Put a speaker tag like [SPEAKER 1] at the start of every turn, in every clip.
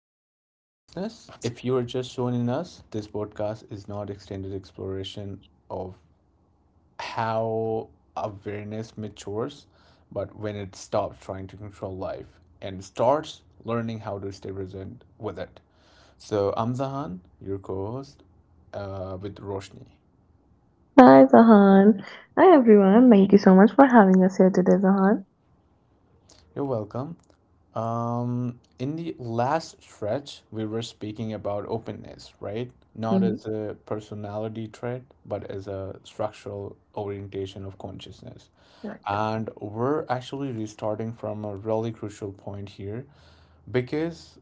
[SPEAKER 1] back to The Consciousness. If you are just joining us, this podcast is not extended exploration of how awareness matures, but when it stops trying to control life and starts learning how to stay present with it. So, I'm Zahan, your co host with Roshni.
[SPEAKER 2] Hi, Zahan. Hi, everyone. Thank you so much for having us here today, Zahan.
[SPEAKER 1] You're welcome. In the last stretch, we were speaking about openness, right? Not
[SPEAKER 2] Mm-hmm.
[SPEAKER 1] as a personality trait, but as a structural orientation of consciousness.
[SPEAKER 2] Right.
[SPEAKER 1] And we're actually restarting from a really crucial point here because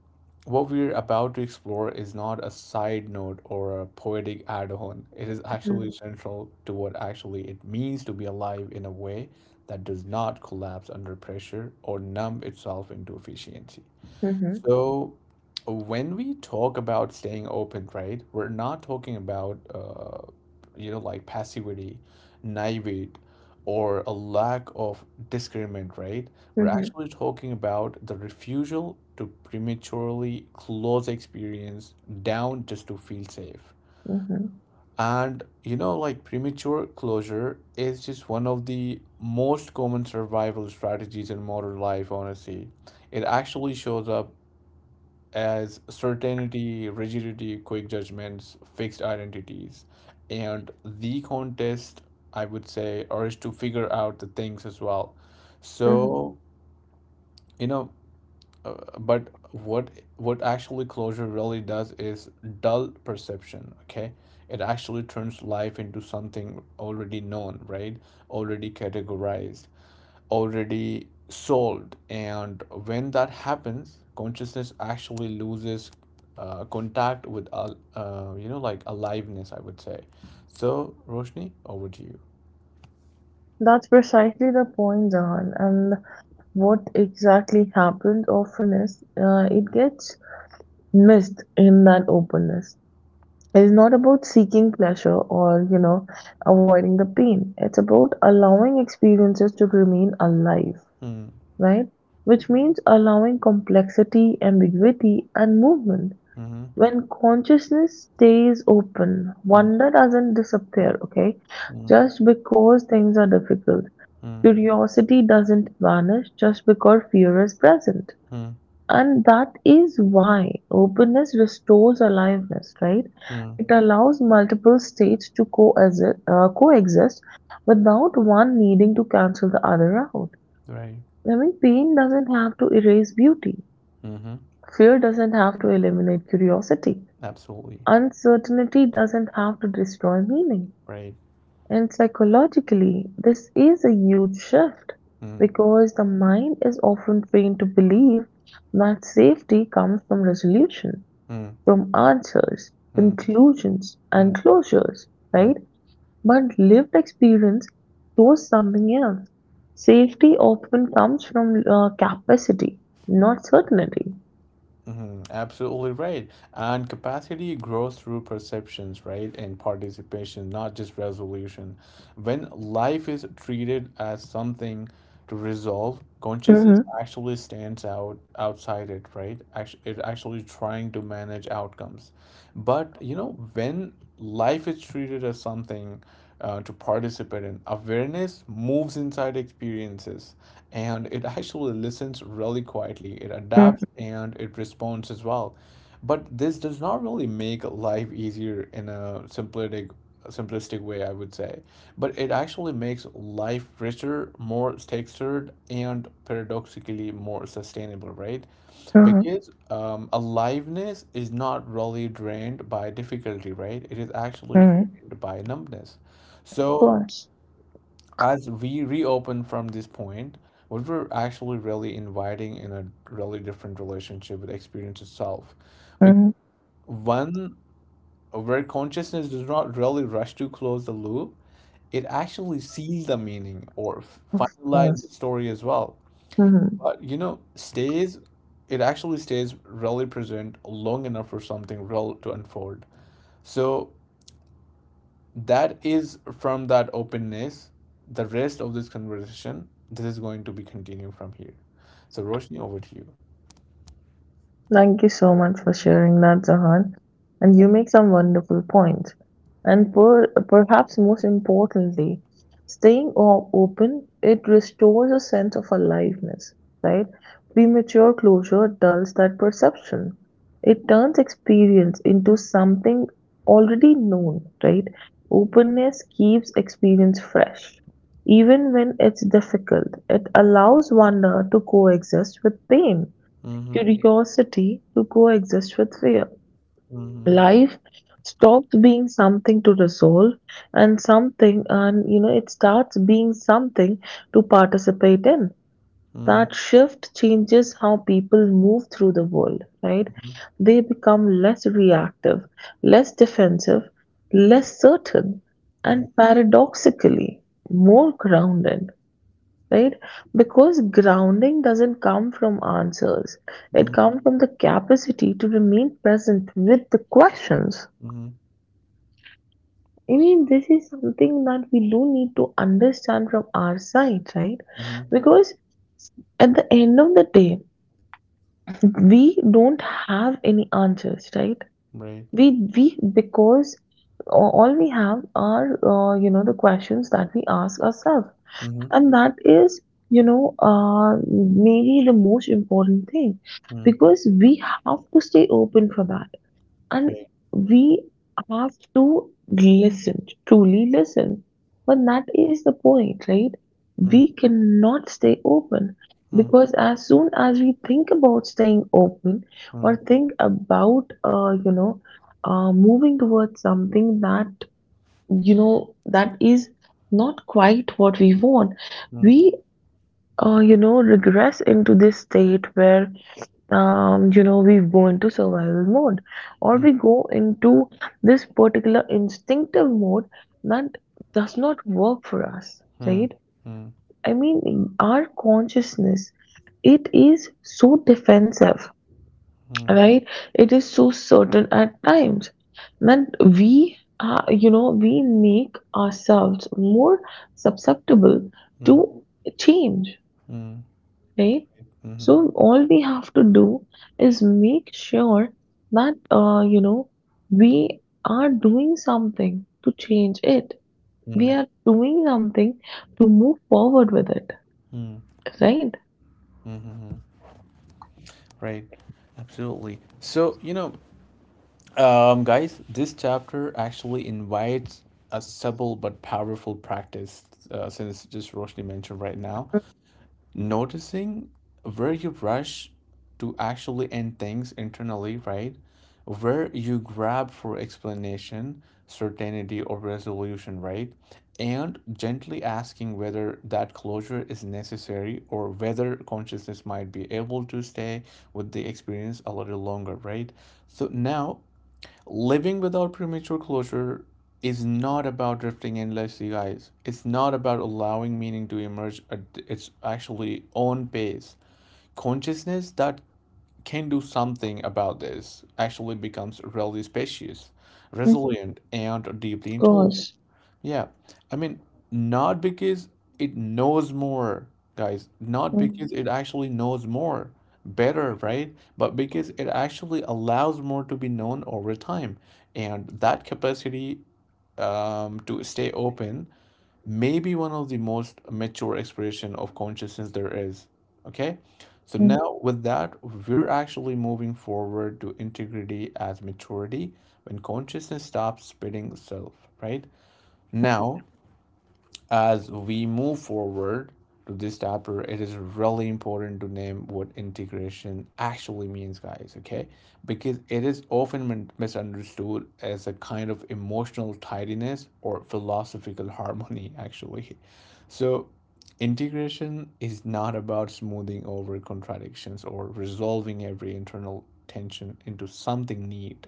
[SPEAKER 1] what we're about to explore is not a side note or a poetic add-on. It is
[SPEAKER 2] Mm-hmm,
[SPEAKER 1] actually central to what actually it means to be alive in a way that does not collapse under pressure or numb itself into efficiency. So, when we talk about staying open, right, we're not talking about, like passivity, naivete, or a lack of discernment, right? We're
[SPEAKER 2] mm-hmm,
[SPEAKER 1] actually talking about the refusal to prematurely close experience down just to feel safe.
[SPEAKER 2] mm-hmm.
[SPEAKER 1] And like premature closure is just one of the most common survival strategies in modern life, honestly. It actually shows up as certainty, rigidity, quick judgments, fixed identities. And the contest, I would say, or is to figure out the things as well.
[SPEAKER 2] Hmm.
[SPEAKER 1] So, you know, but what actually closure really does is dull perception, okay? It actually turns life into something already known, right? Already categorized already solved. And when that happens, consciousness actually loses contact with, like aliveness, I would say. So, Roshni, over to you.
[SPEAKER 2] That's precisely the point, Zahan. And what exactly happens often is it gets missed in that openness. It is not about seeking pleasure or avoiding the pain. It's about allowing experiences to remain alive,
[SPEAKER 1] Hmm.
[SPEAKER 2] right? Which means allowing complexity, ambiguity, and movement.
[SPEAKER 1] Mm-hmm.
[SPEAKER 2] When consciousness stays open,
[SPEAKER 1] Mm.
[SPEAKER 2] wonder doesn't disappear, okay?
[SPEAKER 1] Mm.
[SPEAKER 2] Just because things are difficult.
[SPEAKER 1] Mm.
[SPEAKER 2] Curiosity doesn't vanish just because fear is present.
[SPEAKER 1] Mm.
[SPEAKER 2] And that is why openness restores aliveness, right?
[SPEAKER 1] Mm.
[SPEAKER 2] It allows multiple states to coexist without one needing to cancel the other out.
[SPEAKER 1] Right.
[SPEAKER 2] I mean, pain doesn't have to erase beauty.
[SPEAKER 1] Mm-hmm.
[SPEAKER 2] Fear doesn't have to eliminate curiosity.
[SPEAKER 1] Absolutely.
[SPEAKER 2] Uncertainty doesn't have to destroy meaning.
[SPEAKER 1] Right.
[SPEAKER 2] And psychologically, this is a huge shift
[SPEAKER 1] Mm.
[SPEAKER 2] because the mind is often trained to believe that safety comes from resolution,
[SPEAKER 1] Mm.
[SPEAKER 2] from answers,
[SPEAKER 1] Mm.
[SPEAKER 2] conclusions,
[SPEAKER 1] Mm.
[SPEAKER 2] and closures,
[SPEAKER 1] Mm.
[SPEAKER 2] right? But lived experience shows something else. Safety often comes from capacity, not certainty.
[SPEAKER 1] Mm-hmm. Absolutely right. And capacity grows through perceptions, right? And participation, not just resolution. When life is treated as something to resolve, consciousness
[SPEAKER 2] Mm-hmm.
[SPEAKER 1] actually stands out outside it, right? Actually, it actually trying to manage outcomes. But you know, when life is treated as something to participate in, awareness moves inside experiences and it actually listens really quietly. It adapts and it responds as well. But this does not really make life easier in a simplistic way, I would say. But it actually makes life richer, more textured, and paradoxically more sustainable, right?
[SPEAKER 2] Mm-hmm.
[SPEAKER 1] Because aliveness is not really drained by difficulty, right? It is actually
[SPEAKER 2] Mm-hmm. Of
[SPEAKER 1] drained by numbness. So
[SPEAKER 2] course.
[SPEAKER 1] as we reopen from this point, what we're actually really inviting in a really different relationship with experience itself
[SPEAKER 2] Mm-hmm.
[SPEAKER 1] one where consciousness does not really rush to close the loop, it actually seals the meaning or
[SPEAKER 2] Of
[SPEAKER 1] finalize the
[SPEAKER 2] course.
[SPEAKER 1] story as well.
[SPEAKER 2] Mhm.
[SPEAKER 1] But you know, stays it actually stays really present long enough for something real to unfold. So that is from that openness, the rest of this conversation, this is going to be continued from here. So Roshni, over to you.
[SPEAKER 2] Thank you so much for sharing that, Zahan. And you make some wonderful points. And perhaps most importantly, staying open, it restores a sense of aliveness, right? Premature closure dulls that perception. It turns experience into something already known, right? Openness keeps experience fresh. Even when it's difficult, it allows wonder to coexist with pain,
[SPEAKER 1] Mm-hmm.
[SPEAKER 2] curiosity to coexist with fear.
[SPEAKER 1] Mm-hmm.
[SPEAKER 2] Life stops being something to resolve and it starts being something to participate in.
[SPEAKER 1] Mm-hmm.
[SPEAKER 2] That shift changes how people move through the world, right? They become less reactive, less defensive, less certain, and paradoxically, more grounded, right? Because grounding doesn't come from answers, it
[SPEAKER 1] Mm-hmm.
[SPEAKER 2] comes from the capacity to remain present with the questions.
[SPEAKER 1] Mm-hmm.
[SPEAKER 2] I mean, this is something that we do need to understand from our side, right?
[SPEAKER 1] Mm-hmm.
[SPEAKER 2] Because at the end of the day, we don't have any answers, right?
[SPEAKER 1] Right.
[SPEAKER 2] We because all we have are the questions that we ask ourselves. And that is, maybe the most important thing,
[SPEAKER 1] Mm,
[SPEAKER 2] because we have to stay open for that. And
[SPEAKER 1] okay.
[SPEAKER 2] we have to listen, truly listen. But that is the point, right?
[SPEAKER 1] Mm,
[SPEAKER 2] We cannot stay open,
[SPEAKER 1] mm,
[SPEAKER 2] because as soon as we think about staying open,
[SPEAKER 1] mm,
[SPEAKER 2] or think about moving towards something that is not quite what we want, we
[SPEAKER 1] mm,
[SPEAKER 2] regress into this state where, we go into survival mode, or
[SPEAKER 1] mm,
[SPEAKER 2] we go into this particular instinctive mode that does not work for us,
[SPEAKER 1] mm,
[SPEAKER 2] right?
[SPEAKER 1] mm,
[SPEAKER 2] I mean, our consciousness, it is so defensive,
[SPEAKER 1] mm,
[SPEAKER 2] right? It is so certain at times that we make ourselves more susceptible
[SPEAKER 1] mm,
[SPEAKER 2] to change,
[SPEAKER 1] mm,
[SPEAKER 2] right?
[SPEAKER 1] mhm,
[SPEAKER 2] So all we have to do is make sure that we are doing something to change it. We
[SPEAKER 1] mm.
[SPEAKER 2] are doing something to move forward with it, right?
[SPEAKER 1] Right. Absolutely. So, you know, guys, this chapter actually invites a subtle but powerful practice, since just Roshni mentioned right now. Noticing where you rush to actually end things internally, right? Where you grab for explanation, certainty, or resolution, right? And gently asking whether that closure is necessary or whether consciousness might be able to stay with the experience a little longer, right? So now living without premature closure is not about drifting endlessly, guys. It's not about allowing meaning to emerge at its actually own pace. Consciousness that can do something about this actually becomes really spacious,
[SPEAKER 2] Mm.
[SPEAKER 1] resilient, and deeply
[SPEAKER 2] Of
[SPEAKER 1] intelligent.
[SPEAKER 2] course.
[SPEAKER 1] Yeah, I mean, not because it knows more, guys, not because
[SPEAKER 2] Mhm.
[SPEAKER 1] it actually knows more, better, right? But because it actually allows more to be known over time. And that capacity to stay open may be one of the most mature expression of consciousness there is. Okay? So now with that, we're actually moving forward to integrity as maturity when consciousness stops spitting itself, right? Now, as we move forward to this chapter, it is really important to name what integration actually means, guys, okay? Because it is often misunderstood as a kind of emotional tidiness or philosophical harmony, actually. So, integration is not about smoothing over contradictions or resolving every internal tension into something neat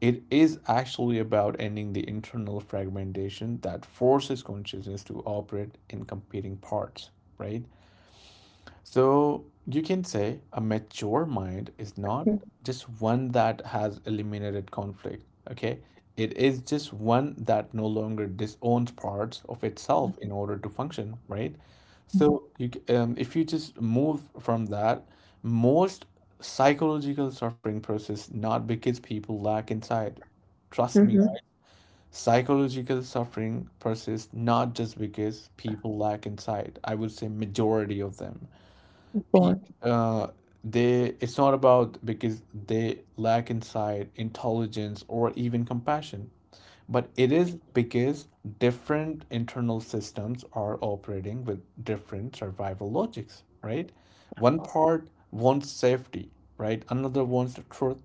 [SPEAKER 1] it is actually about ending the internal fragmentation that forces consciousness to operate in competing parts, right? So you can say a mature mind is not
[SPEAKER 2] Mhm.
[SPEAKER 1] just one that has eliminated conflict, okay? It is just one that no longer disowns parts of itself in order to function, right? So you, if you just move from that, most psychological suffering persists not because people lack insight. Trust me,
[SPEAKER 2] Mhm.
[SPEAKER 1] psychological suffering persists not just because people lack insight. I would say majority of them
[SPEAKER 2] Of
[SPEAKER 1] P
[SPEAKER 2] course.
[SPEAKER 1] uh, they it's not about because they lack insight, intelligence, or even compassion, but it is because different internal systems are operating with different survival logics, right? One part wants safety, right? Another wants the truth,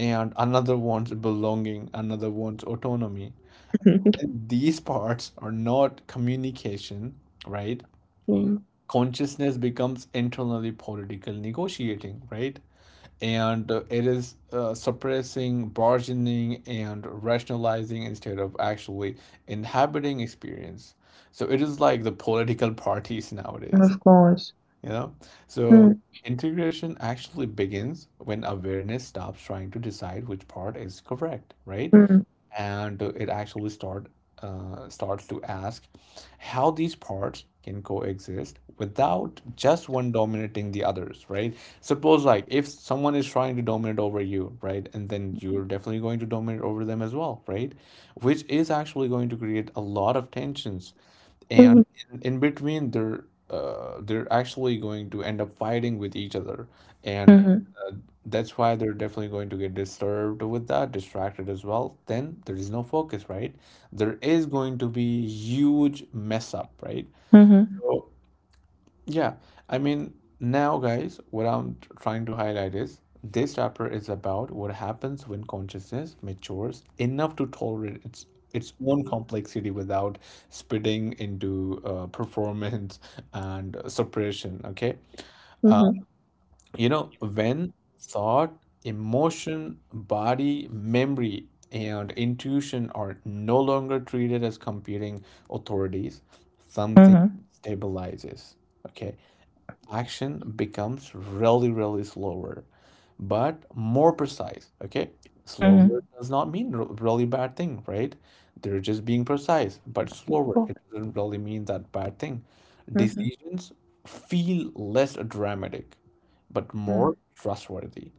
[SPEAKER 1] and another wants belonging, another wants autonomy. When these parts are not communication, right?
[SPEAKER 2] Mhm.
[SPEAKER 1] Consciousness becomes internally political negotiating, right? And it is suppressing, bargaining, and rationalizing instead of actually inhabiting experience. So it is like the political parties nowadays,
[SPEAKER 2] Of course.
[SPEAKER 1] you know? So
[SPEAKER 2] Mhm.
[SPEAKER 1] integration actually begins when awareness stops trying to decide which part is correct, right?
[SPEAKER 2] Mhm.
[SPEAKER 1] And it actually start starts to ask how these parts can coexist without just one dominating the others, right? Suppose like if someone is trying to dominate over you, right? And then you're definitely going to dominate over them as well, right? Which is actually going to create a lot of tensions, and
[SPEAKER 2] Mhm.
[SPEAKER 1] in between they're actually going to end up fighting with each other, and that's why they're definitely going to get disturbed with that distracted as well, then there is no focus, right? There is going to be huge mess up, right?
[SPEAKER 2] Mhm.
[SPEAKER 1] So yeah, I mean, now, guys, what trying to highlight is this chapter is about what happens when consciousness matures enough to tolerate its own complexity without spitting into performance and suppression. Okay, uh,
[SPEAKER 2] Mhm.
[SPEAKER 1] you know, when thought, emotion, body, memory, and intuition are no longer treated as competing authorities, something
[SPEAKER 2] Mhm,
[SPEAKER 1] stabilizes. Okay? Action becomes really, really slower, but more precise. Okay. Slower
[SPEAKER 2] mhm.
[SPEAKER 1] does not mean really bad thing, right? They're just being precise, but slower, it
[SPEAKER 2] Good.
[SPEAKER 1] doesn't really mean that bad thing.
[SPEAKER 2] Mhm,
[SPEAKER 1] Decisions feel less dramatic, but more
[SPEAKER 2] mm.
[SPEAKER 1] trustworthy.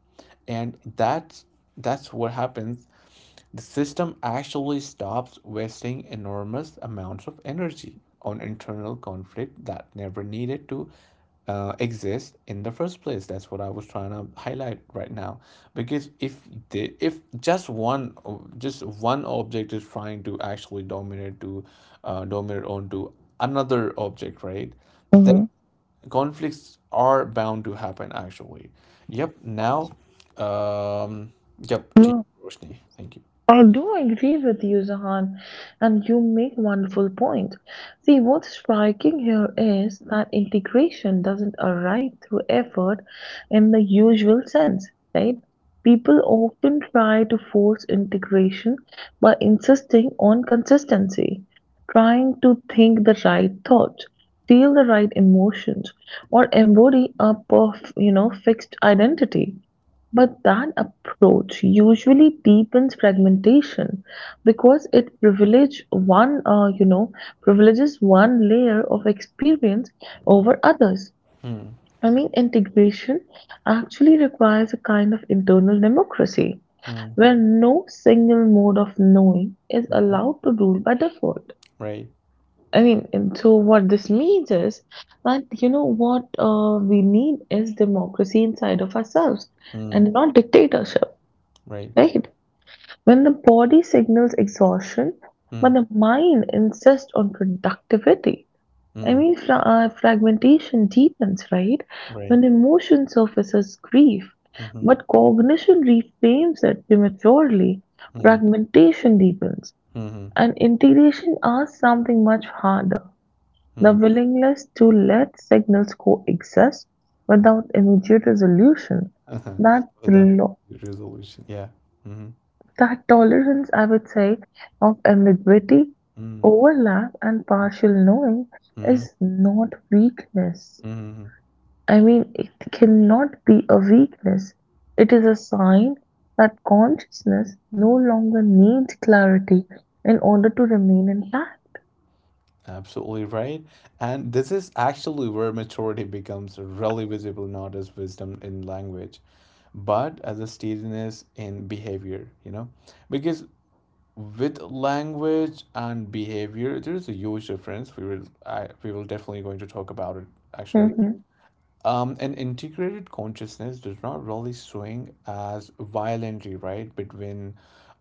[SPEAKER 1] And that's what happens the system actually stops wasting enormous amounts of energy on internal conflict that never needed to exist in the first place. That's what I was trying to highlight right now. Because if just one, just one object is trying to actually dominate to, dominate onto another object, right? Then
[SPEAKER 2] Mhm.
[SPEAKER 1] conflicts are bound to happen. Actually, yep. Now, um, yep. To
[SPEAKER 2] No,
[SPEAKER 1] you, Roshni. Thank you.
[SPEAKER 2] I do agree with you, Zahan, and you make wonderful point. See, what's striking here is that integration doesn't arrive through effort in the usual sense, right? People often try to force integration by insisting on consistency, trying to think the right thoughts, feel the right emotions, or embody a fixed identity, but that approach usually deepens fragmentation because it privileges one layer of experience over others.
[SPEAKER 1] Hmm.
[SPEAKER 2] I mean, integration actually requires a kind of internal democracy
[SPEAKER 1] Mm,
[SPEAKER 2] where no single mode of knowing is
[SPEAKER 1] mhm,
[SPEAKER 2] allowed to rule by default.
[SPEAKER 1] right.
[SPEAKER 2] I mean, and so what this means is that you know what we need is democracy inside of ourselves,
[SPEAKER 1] Mm,
[SPEAKER 2] and not dictatorship,
[SPEAKER 1] right.
[SPEAKER 2] right? When the body signals exhaustion,
[SPEAKER 1] Mm,
[SPEAKER 2] but the mind insists on productivity, I
[SPEAKER 1] mm,
[SPEAKER 2] mean, fragmentation deepens, right?
[SPEAKER 1] right.
[SPEAKER 2] When emotion surfaces grief,
[SPEAKER 1] Mm-hmm.
[SPEAKER 2] but cognition reframes it prematurely,
[SPEAKER 1] Mm,
[SPEAKER 2] fragmentation deepens.
[SPEAKER 1] mm-hmm.
[SPEAKER 2] And integration asks something much harder: the
[SPEAKER 1] Mm.
[SPEAKER 2] willingness to let signals coexist without immediate resolution.
[SPEAKER 1] Uh-huh.
[SPEAKER 2] That
[SPEAKER 1] Without resolution. Yeah. Mm-hmm.
[SPEAKER 2] That tolerance, I would say, of ambiguity,
[SPEAKER 1] Mm,
[SPEAKER 2] overlap, and partial knowing
[SPEAKER 1] mm-hmm.
[SPEAKER 2] is not weakness.
[SPEAKER 1] Mm-hmm.
[SPEAKER 2] I mean, it cannot be a weakness. It is a sign that consciousness no longer needs clarity in order to remain intact.
[SPEAKER 1] Absolutely right. And this is actually where maturity becomes really visible, not as wisdom in language, but as a steadiness in behavior, you know? Because with language and behavior there is a huge difference we will definitely going to talk about it actually.
[SPEAKER 2] Mhm.
[SPEAKER 1] An integrated consciousness does not really swing as violently, right, between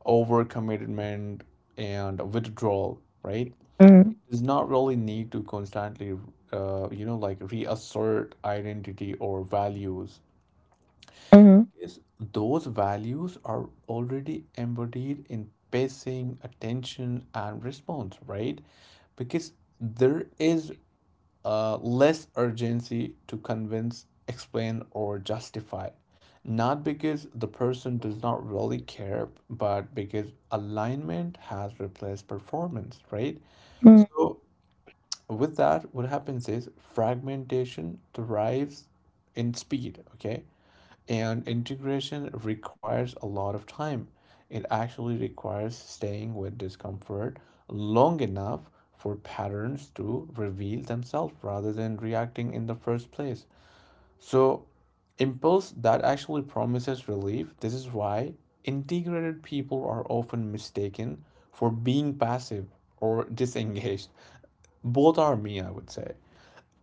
[SPEAKER 1] overcommitment and withdrawal, right?
[SPEAKER 2] Mm,
[SPEAKER 1] Does not really need to constantly you know like reassert identity or values,
[SPEAKER 2] mm,
[SPEAKER 1] is those values are already embodied in pacing, attention, and response, right? Because there is less urgency to convince, explain, or justify. Not because the person does not really care, but because alignment has replaced performance, right?
[SPEAKER 2] mm,
[SPEAKER 1] So, with that, what happens is fragmentation thrives in speed, okay? And integration requires a lot of time. It actually requires staying with discomfort long enough for patterns to reveal themselves rather than reacting in the first place. So, impulse that actually promises relief, this is why integrated people are often mistaken for being passive or disengaged. Both are me, I would say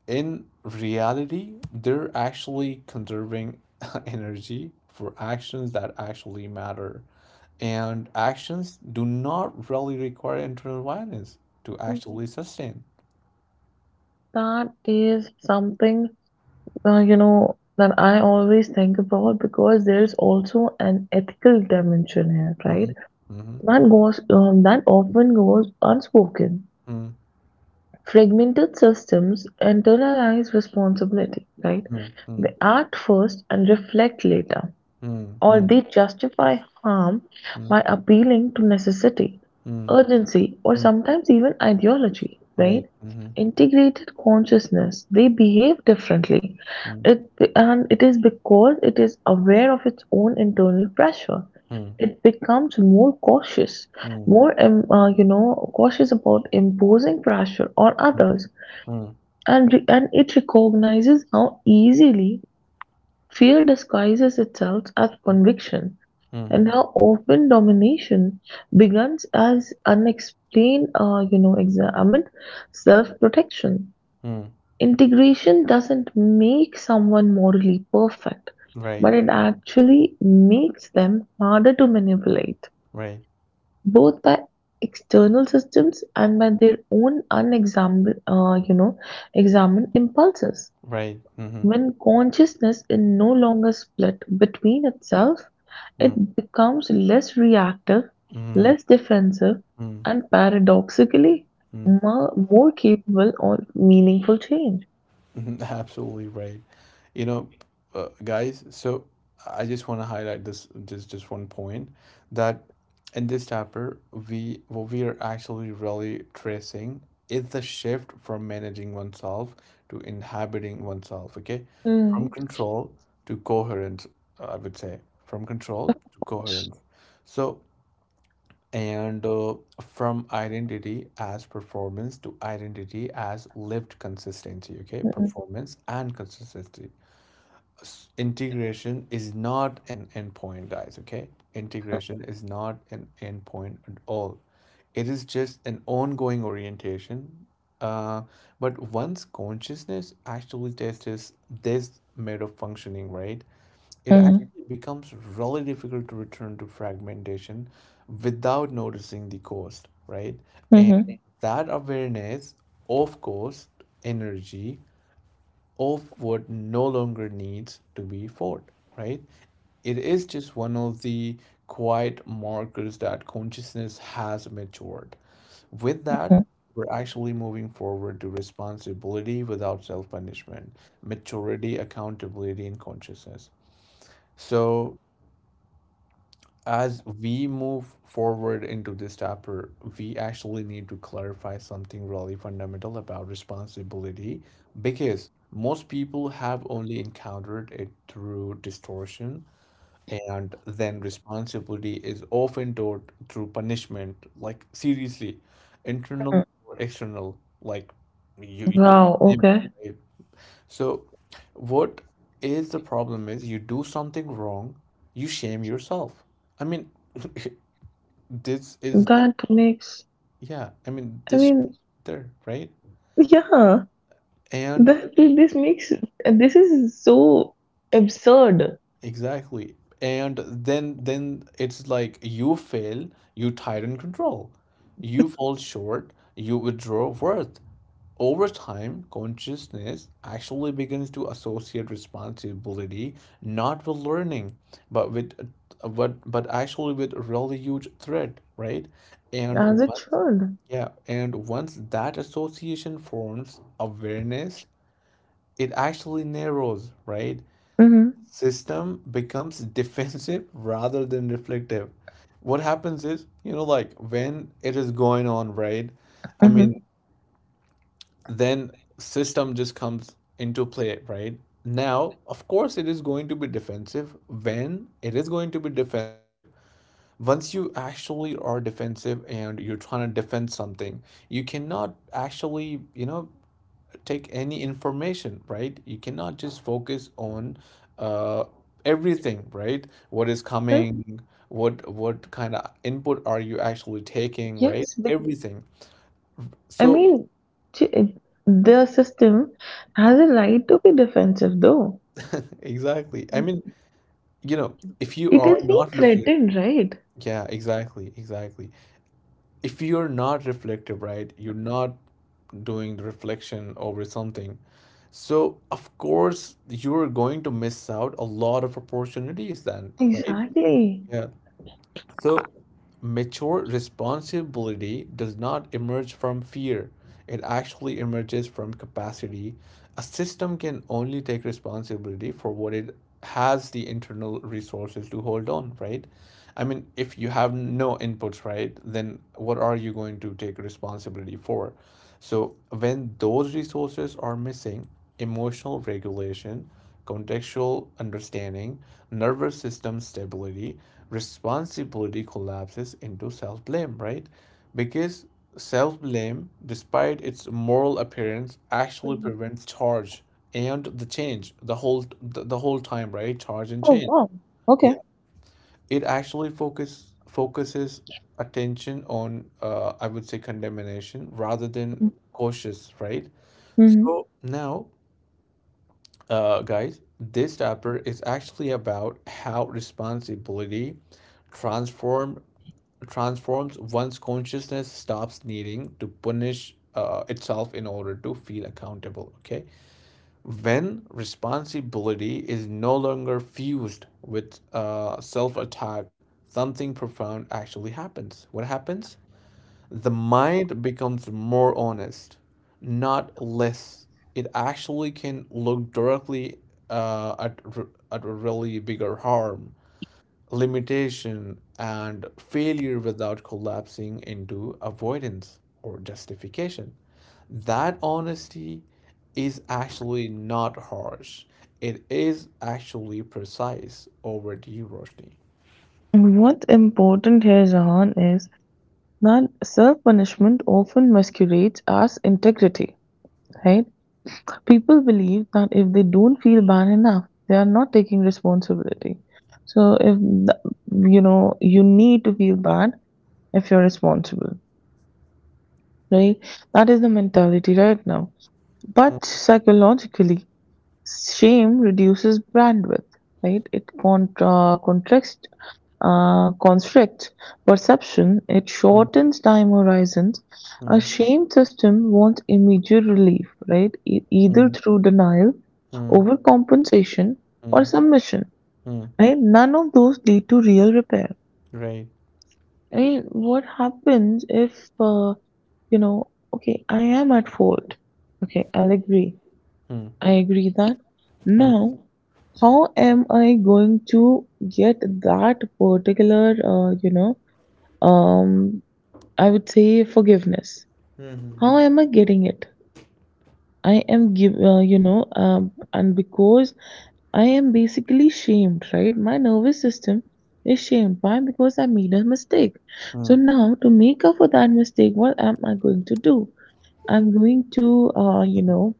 [SPEAKER 1] in reality, they're actually conserving energy for actions that actually matter. And actions do not really require internal violence to actually sustain.
[SPEAKER 2] That is something, that I always think about, because there's also an ethical dimension here, right?
[SPEAKER 1] Mm-hmm. Mm-hmm.
[SPEAKER 2] That often goes unspoken. Fragmented systems internalize responsibility, right?
[SPEAKER 1] Mm, mm,
[SPEAKER 2] They act first and reflect later.
[SPEAKER 1] mm,
[SPEAKER 2] Or
[SPEAKER 1] mm,
[SPEAKER 2] they justify harm
[SPEAKER 1] mm, mm,
[SPEAKER 2] by appealing to necessity,
[SPEAKER 1] mm,
[SPEAKER 2] urgency, or
[SPEAKER 1] mm.
[SPEAKER 2] sometimes even ideology, right?
[SPEAKER 1] Right. Mm-hmm.
[SPEAKER 2] Integrated consciousness, they behave differently.
[SPEAKER 1] Mm,
[SPEAKER 2] And it is because it is aware of its own internal pressure.
[SPEAKER 1] mm,
[SPEAKER 2] It becomes more cautious,
[SPEAKER 1] mm, mm,
[SPEAKER 2] more, um, uh, you know, cautious about imposing pressure on others,
[SPEAKER 1] mm,
[SPEAKER 2] and it recognizes how easily fear disguises itself as
[SPEAKER 1] mm,
[SPEAKER 2] conviction, and
[SPEAKER 1] mm,
[SPEAKER 2] how often domination begins as unexplained, examined self-protection.
[SPEAKER 1] mm.
[SPEAKER 2] Integration doesn't make someone morally perfect,
[SPEAKER 1] Right.
[SPEAKER 2] but it actually makes them harder to manipulate,
[SPEAKER 1] Right.
[SPEAKER 2] both by external systems and by their own unexamined, examined impulses.
[SPEAKER 1] Right. Mm-hmm.
[SPEAKER 2] When consciousness is no longer split between itself,
[SPEAKER 1] Mm,
[SPEAKER 2] it becomes less reactive,
[SPEAKER 1] mm,
[SPEAKER 2] less defensive,
[SPEAKER 1] mm,
[SPEAKER 2] and paradoxically
[SPEAKER 1] mm.
[SPEAKER 2] more capable of meaningful change.
[SPEAKER 1] Absolutely right. You know, guys, so I just want to highlight this just one point that in this chapter we what we are actually really tracing is the shift from managing oneself to inhabiting oneself, okay? From
[SPEAKER 2] Mm,
[SPEAKER 1] control to coherence, I would say, from control to coherence. So and from identity as performance to identity as lived consistency, okay?
[SPEAKER 2] mm,
[SPEAKER 1] Performance and consistency. Integration is not an endpoint, guys, okay? Integration is not an endpoint at all. It is just an ongoing orientation. uh, but once consciousness actually tests this mode of functioning, right, it
[SPEAKER 2] mm,
[SPEAKER 1] actually becomes really difficult to return to fragmentation without noticing the cost, right? And
[SPEAKER 2] mm,
[SPEAKER 1] that awareness of cost, energy, of what no longer needs to be fought, right? It is just one of the quiet markers that consciousness has matured. With that,
[SPEAKER 2] mm,
[SPEAKER 1] we're actually moving forward to responsibility without self punishment, maturity, accountability, and consciousness. So, as we move forward into this chapter, we actually need to clarify something really fundamental about responsibility because most people have only encountered it through distortion, and then responsibility is often taught through punishment, like seriously, internal
[SPEAKER 2] mm.
[SPEAKER 1] or external, like you
[SPEAKER 2] Wow,
[SPEAKER 1] name it,
[SPEAKER 2] okay.
[SPEAKER 1] right? So, what is the problem is you do something wrong, you shame yourself. I mean, this is not,
[SPEAKER 2] That makes,
[SPEAKER 1] yeah, I mean,
[SPEAKER 2] I
[SPEAKER 1] this
[SPEAKER 2] mean,
[SPEAKER 1] there, right?
[SPEAKER 2] yeah.
[SPEAKER 1] And
[SPEAKER 2] That this makes this is so absurd,
[SPEAKER 1] exactly. And then it's like you fail, you tighten control. You fall short, you withdraw worth. Over time, consciousness actually begins to associate responsibility not with learning, but with but actually with a really huge threat, right? And
[SPEAKER 2] as it
[SPEAKER 1] once
[SPEAKER 2] should.
[SPEAKER 1] yeah, and once that association forms awareness, it actually narrows, right?
[SPEAKER 2] Mm-hmm.
[SPEAKER 1] System becomes defensive rather than reflective. What happens is, you know, like when it is going on, right? I mean,
[SPEAKER 2] Mm-hmm.
[SPEAKER 1] then system just comes into play, right? Now, of course, it is going to be defensive. When it is going to be defensive, once you actually are defensive and you're trying to defend something, you cannot actually, you know, take any information, right? You cannot just focus on uh, everything, right? What is
[SPEAKER 2] Well,
[SPEAKER 1] coming, what kind of input are you actually taking, right?
[SPEAKER 2] yes,
[SPEAKER 1] Everything.
[SPEAKER 2] I
[SPEAKER 1] So,
[SPEAKER 2] mean, t- the system has a right to be defensive, though.
[SPEAKER 1] exactly. I mean, you know, if you
[SPEAKER 2] It
[SPEAKER 1] are
[SPEAKER 2] is being
[SPEAKER 1] not reflect,
[SPEAKER 2] threatened, right?
[SPEAKER 1] yeah, exactly, exactly. If you're not reflective, right, you're not doing the reflection over something. So of course you're going to miss out a lot of opportunities then, right?
[SPEAKER 2] Exactly.
[SPEAKER 1] Yeah. So, mature responsibility does not emerge from fear, it actually emerges from capacity. A system can only take responsibility for what it has the internal resources to hold on, right? I mean, if you have no inputs, right, then what are you going to take responsibility for? So, when those resources are missing, emotional regulation, contextual understanding, nervous system stability, responsibility collapses into self blame, right? Because self blame, despite its moral appearance, actually
[SPEAKER 2] Mhm.
[SPEAKER 1] prevents charge and the change the whole the whole time, right? Charge and
[SPEAKER 2] Oh
[SPEAKER 1] change.
[SPEAKER 2] wow. Okay.
[SPEAKER 1] Yeah, it actually focuses attention on I would say condemnation rather than cautious, right?
[SPEAKER 2] Mm-hmm.
[SPEAKER 1] Now, guys, this chapter is actually about how responsibility transform transforms one's consciousness stops needing to punish itself in order to feel accountable. Okay, when responsibility is no longer fused with self attack, something profound actually happens. What happens? The mind becomes more honest, not less. It actually can look directly at a really bigger harm, limitation, and failure without collapsing into avoidance or justification. That honesty is actually not harsh. It is actually precise. Over to you, Roshni.
[SPEAKER 2] What's important here, Jahan, is that self punishment often masquerades as integrity, right? People believe that if they don't feel bad enough, they are not taking responsibility. So if the, you know you need to feel bad if you're responsible, right? That is the mentality right now. But psychologically, shame reduces bandwidth, right? It contracts, constricts perception. It
[SPEAKER 1] Mm,
[SPEAKER 2] shortens time horizons.
[SPEAKER 1] mm,
[SPEAKER 2] A shame system wants immediate relief, right? Either
[SPEAKER 1] mm,
[SPEAKER 2] through denial,
[SPEAKER 1] mm, mm,
[SPEAKER 2] overcompensation, or
[SPEAKER 1] mm.
[SPEAKER 2] submission.
[SPEAKER 1] Mm.
[SPEAKER 2] Right? None of those lead to real repair.
[SPEAKER 1] Right.
[SPEAKER 2] I mean, what happens if, okay, I am at fault. Okay, I'll agree.
[SPEAKER 1] Mm.
[SPEAKER 2] I agree that. Now, how am I going to get that particular, um, I would say, forgiveness?
[SPEAKER 1] Hı.
[SPEAKER 2] How am I getting it? I am give, you know, and because I am basically shamed, right? My nervous system is shamed. Why? Because I made a mistake.
[SPEAKER 1] Hmm.
[SPEAKER 2] So now, to make up for that mistake, what am I going to do? I'm going to, uh, you know,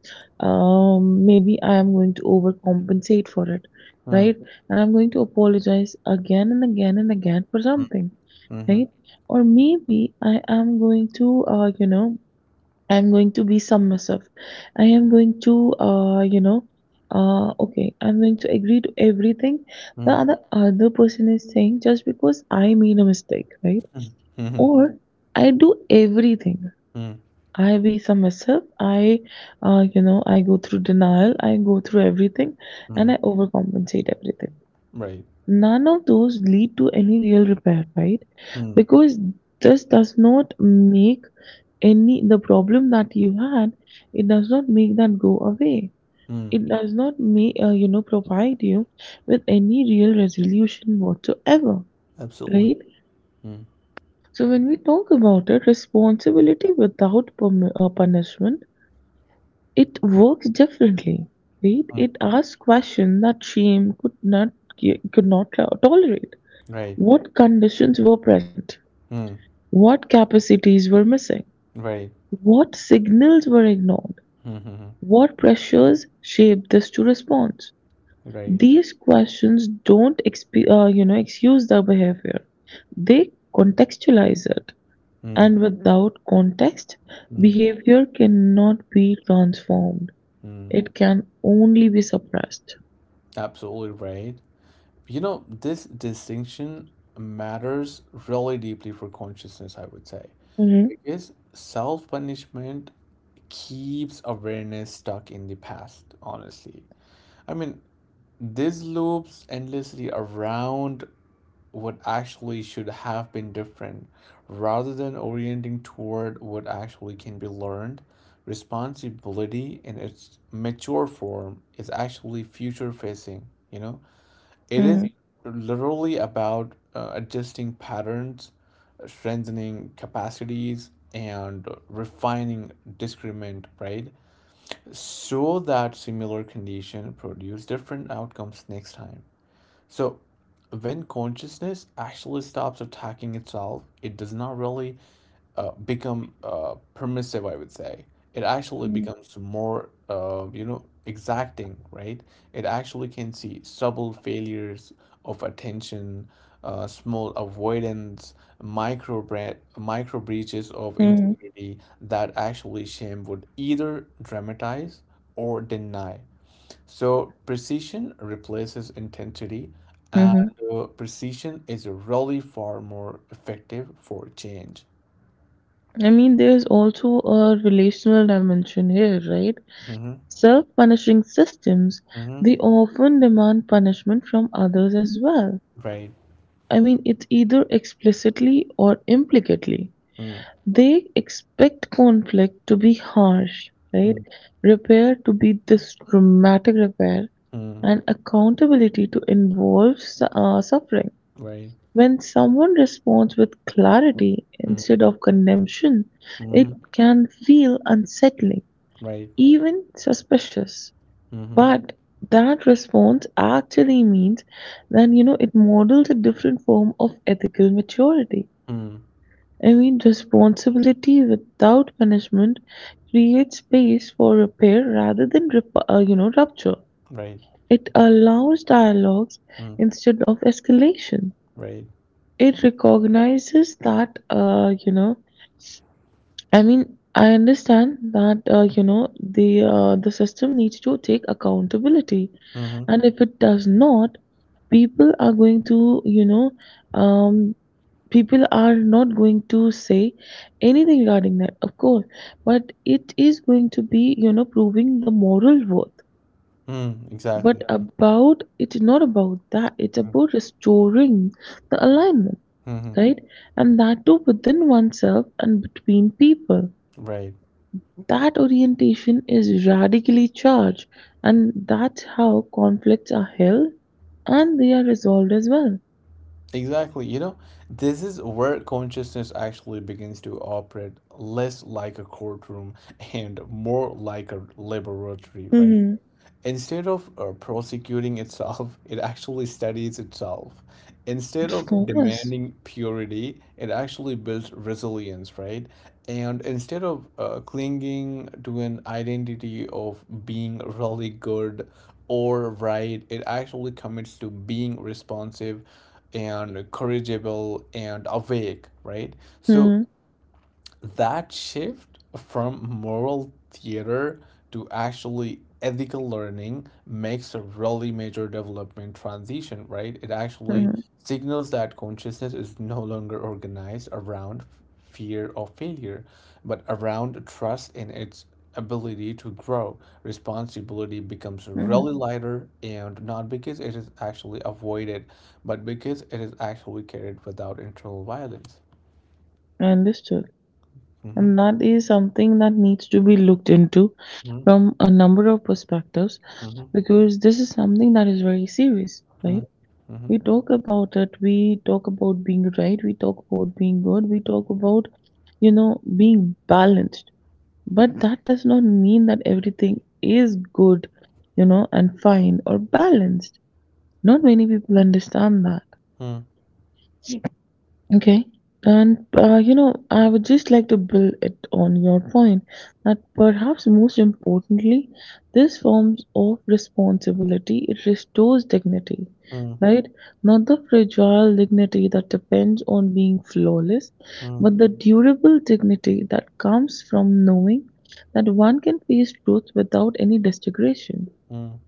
[SPEAKER 2] um, maybe I am going to overcompensate for it,
[SPEAKER 1] Hı.
[SPEAKER 2] right? And I'm going to apologize again and again and again for something,
[SPEAKER 1] Mm, mm,
[SPEAKER 2] right? Or maybe I am going to, you know, I'm going to be submissive. I am going to, you know, okay, I'm going to agree to everything the
[SPEAKER 1] mm,
[SPEAKER 2] other person is saying, just because I made a mistake, right?
[SPEAKER 1] mhm, mm, mm, mhm,
[SPEAKER 2] Or I do everything,
[SPEAKER 1] mm,
[SPEAKER 2] I be some myself. I go through denial. I go through everything, and
[SPEAKER 1] mm.
[SPEAKER 2] I overcompensate everything.
[SPEAKER 1] Right.
[SPEAKER 2] None of those lead to any real repair, right?
[SPEAKER 1] Mm,
[SPEAKER 2] Because this does not make any the problem that you had. It does not make that go away.
[SPEAKER 1] mm.
[SPEAKER 2] It does not make you know provide you with any real resolution whatsoever,
[SPEAKER 1] Absolutely.
[SPEAKER 2] right?
[SPEAKER 1] Mm,
[SPEAKER 2] So when we talk about it, responsibility without punishment, it works differently, right?
[SPEAKER 1] mm.
[SPEAKER 2] It asks questions that shame could not tolerate.
[SPEAKER 1] Right.
[SPEAKER 2] What conditions were present?
[SPEAKER 1] Mm,
[SPEAKER 2] What capacities were missing?
[SPEAKER 1] right.
[SPEAKER 2] What signals were ignored?
[SPEAKER 1] Mhm,
[SPEAKER 2] What pressures shaped this to response?
[SPEAKER 1] right.
[SPEAKER 2] These questions don't excuse the behavior. They contextualize it.
[SPEAKER 1] Mm,
[SPEAKER 2] And without context,
[SPEAKER 1] mm,
[SPEAKER 2] behavior cannot be transformed.
[SPEAKER 1] mm.
[SPEAKER 2] It can only be suppressed.
[SPEAKER 1] Absolutely right. You know, this distinction matters really deeply for consciousness, I would say,
[SPEAKER 2] Mhm,
[SPEAKER 1] because self-punishment keeps awareness stuck in the past, honestly. I mean, this loops endlessly around what actually should have been different, rather than orienting toward what actually can be learned. Responsibility in its mature form is actually future facing, you know? It is
[SPEAKER 2] mhm,
[SPEAKER 1] literally about adjusting patterns, strengthening capacities, and refining discernment, right? So that similar condition produce different outcomes next time. So, when consciousness actually stops attacking itself, it does not really become permissive, I would say. It actually
[SPEAKER 2] mhm,
[SPEAKER 1] becomes more, exacting, right? It actually can see subtle failures of attention, small avoidance, micro bre micro breaches of
[SPEAKER 2] mhm,
[SPEAKER 1] integrity that actually shame would either dramatize or deny. So precision replaces intensity, and
[SPEAKER 2] mhm.
[SPEAKER 1] precision is really far more effective for change.
[SPEAKER 2] I mean, there's also a relational dimension here, right?
[SPEAKER 1] Mm-hmm.
[SPEAKER 2] Self punishing systems, they
[SPEAKER 1] Mm-hmm.
[SPEAKER 2] often demand punishment from others as well.
[SPEAKER 1] Right.
[SPEAKER 2] I mean, it's either explicitly or implicitly.
[SPEAKER 1] Mm,
[SPEAKER 2] They expect conflict to be harsh, right?
[SPEAKER 1] mm,
[SPEAKER 2] Repair to be this dramatic repair,
[SPEAKER 1] mm,
[SPEAKER 2] and accountability to involve suffering.
[SPEAKER 1] right.
[SPEAKER 2] When someone responds with clarity
[SPEAKER 1] Mm,
[SPEAKER 2] instead of condemnation,
[SPEAKER 1] mm-hmm.
[SPEAKER 2] it can feel unsettling,
[SPEAKER 1] Right.
[SPEAKER 2] even suspicious.
[SPEAKER 1] Mm-hmm.
[SPEAKER 2] But that response actually means that, it models a different form of ethical maturity.
[SPEAKER 1] Mm,
[SPEAKER 2] I mean, responsibility without punishment creates space for repair rather than rupture.
[SPEAKER 1] right.
[SPEAKER 2] It allows dialogues
[SPEAKER 1] Mm,
[SPEAKER 2] instead of escalation.
[SPEAKER 1] right.
[SPEAKER 2] It recognizes that, I mean, I understand that the system needs to take accountability,
[SPEAKER 1] Mm-hmm.
[SPEAKER 2] and if it does not, people are going to you know um people are not going to say anything regarding that, of course, but it is going to be, proving the moral worth.
[SPEAKER 1] Mm, exactly.
[SPEAKER 2] But about it's not about that. It's about restoring the alignment,
[SPEAKER 1] Mm-hmm.
[SPEAKER 2] right? And that too, within oneself and between people.
[SPEAKER 1] Right.
[SPEAKER 2] That orientation is radically charged, and that's how conflicts are held, and they are resolved as well.
[SPEAKER 1] Exactly. You know, this is where consciousness actually begins to operate less like a courtroom and more like a laboratory, right?
[SPEAKER 2] Hmm.
[SPEAKER 1] Instead of prosecuting itself, it actually studies itself. Instead
[SPEAKER 2] Of
[SPEAKER 1] of
[SPEAKER 2] course.
[SPEAKER 1] demanding purity, it actually builds resilience, right? And instead of clinging to an identity of being really good or right, it actually commits to being responsive and courageable and awake, right? So
[SPEAKER 2] Hmm.
[SPEAKER 1] that shift from moral theater to actually ethical learning makes a really major development transition, right? It actually
[SPEAKER 2] Hmm.
[SPEAKER 1] signals that consciousness is no longer organized around fear of failure, but around trust in its ability to grow. Responsibility becomes
[SPEAKER 2] Hmm.
[SPEAKER 1] really lighter, and not because it is actually avoided, but because it is actually carried without internal violence.
[SPEAKER 2] Understood.
[SPEAKER 1] Hmm.
[SPEAKER 2] And that is something that needs to be looked into
[SPEAKER 1] Hmm.
[SPEAKER 2] from a number of perspectives, because this is something that is very serious, right?
[SPEAKER 1] Mm, mhm,
[SPEAKER 2] We talk about it, we talk about being right, we talk about being good, we talk about, being balanced, but that does not mean that everything is good, and fine, or balanced. Not many people understand that.
[SPEAKER 1] mm,
[SPEAKER 2] Okay. And I would just like to build it on your point, that perhaps most importantly, this form of responsibility, it restores dignity,
[SPEAKER 1] mm,
[SPEAKER 2] right? Not the fragile dignity that depends on being flawless,
[SPEAKER 1] mm,
[SPEAKER 2] but the durable dignity that comes from knowing that one can face truth without any destigration.
[SPEAKER 1] mm,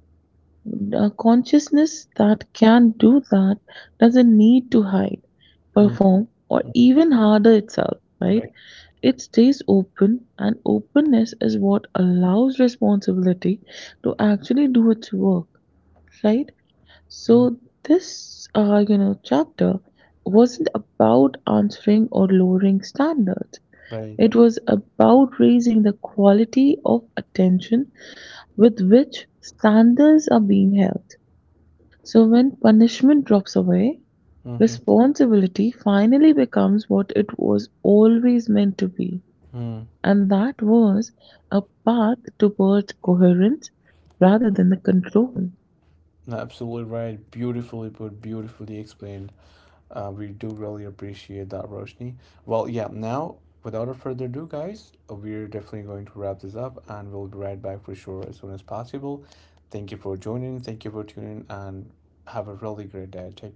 [SPEAKER 2] A consciousness that can do that doesn't need to hide,
[SPEAKER 1] mm,
[SPEAKER 2] perform, or
[SPEAKER 1] mm.
[SPEAKER 2] even harder itself, right?
[SPEAKER 1] Right.
[SPEAKER 2] It stays open, and openness is what allows responsibility to actually do its work, right?
[SPEAKER 1] Mm,
[SPEAKER 2] So this, chapter wasn't about answering or lowering standards.
[SPEAKER 1] right.
[SPEAKER 2] It was about raising the quality of attention with which standards are being held. So when punishment drops away,
[SPEAKER 1] Mhm,
[SPEAKER 2] responsibility finally becomes what it was always meant to be,
[SPEAKER 1] mm.
[SPEAKER 2] and that was a path towards coherence rather than the control.
[SPEAKER 1] No, absolutely right. Beautifully put, beautifully explained. We do really appreciate that, Roshni. Well, yeah, now, without a further ado, guys, we're definitely going to wrap this up and we'll be right back for sure as soon as possible. Thank you for joining. Thank you for tuning and have a really great day. Take care.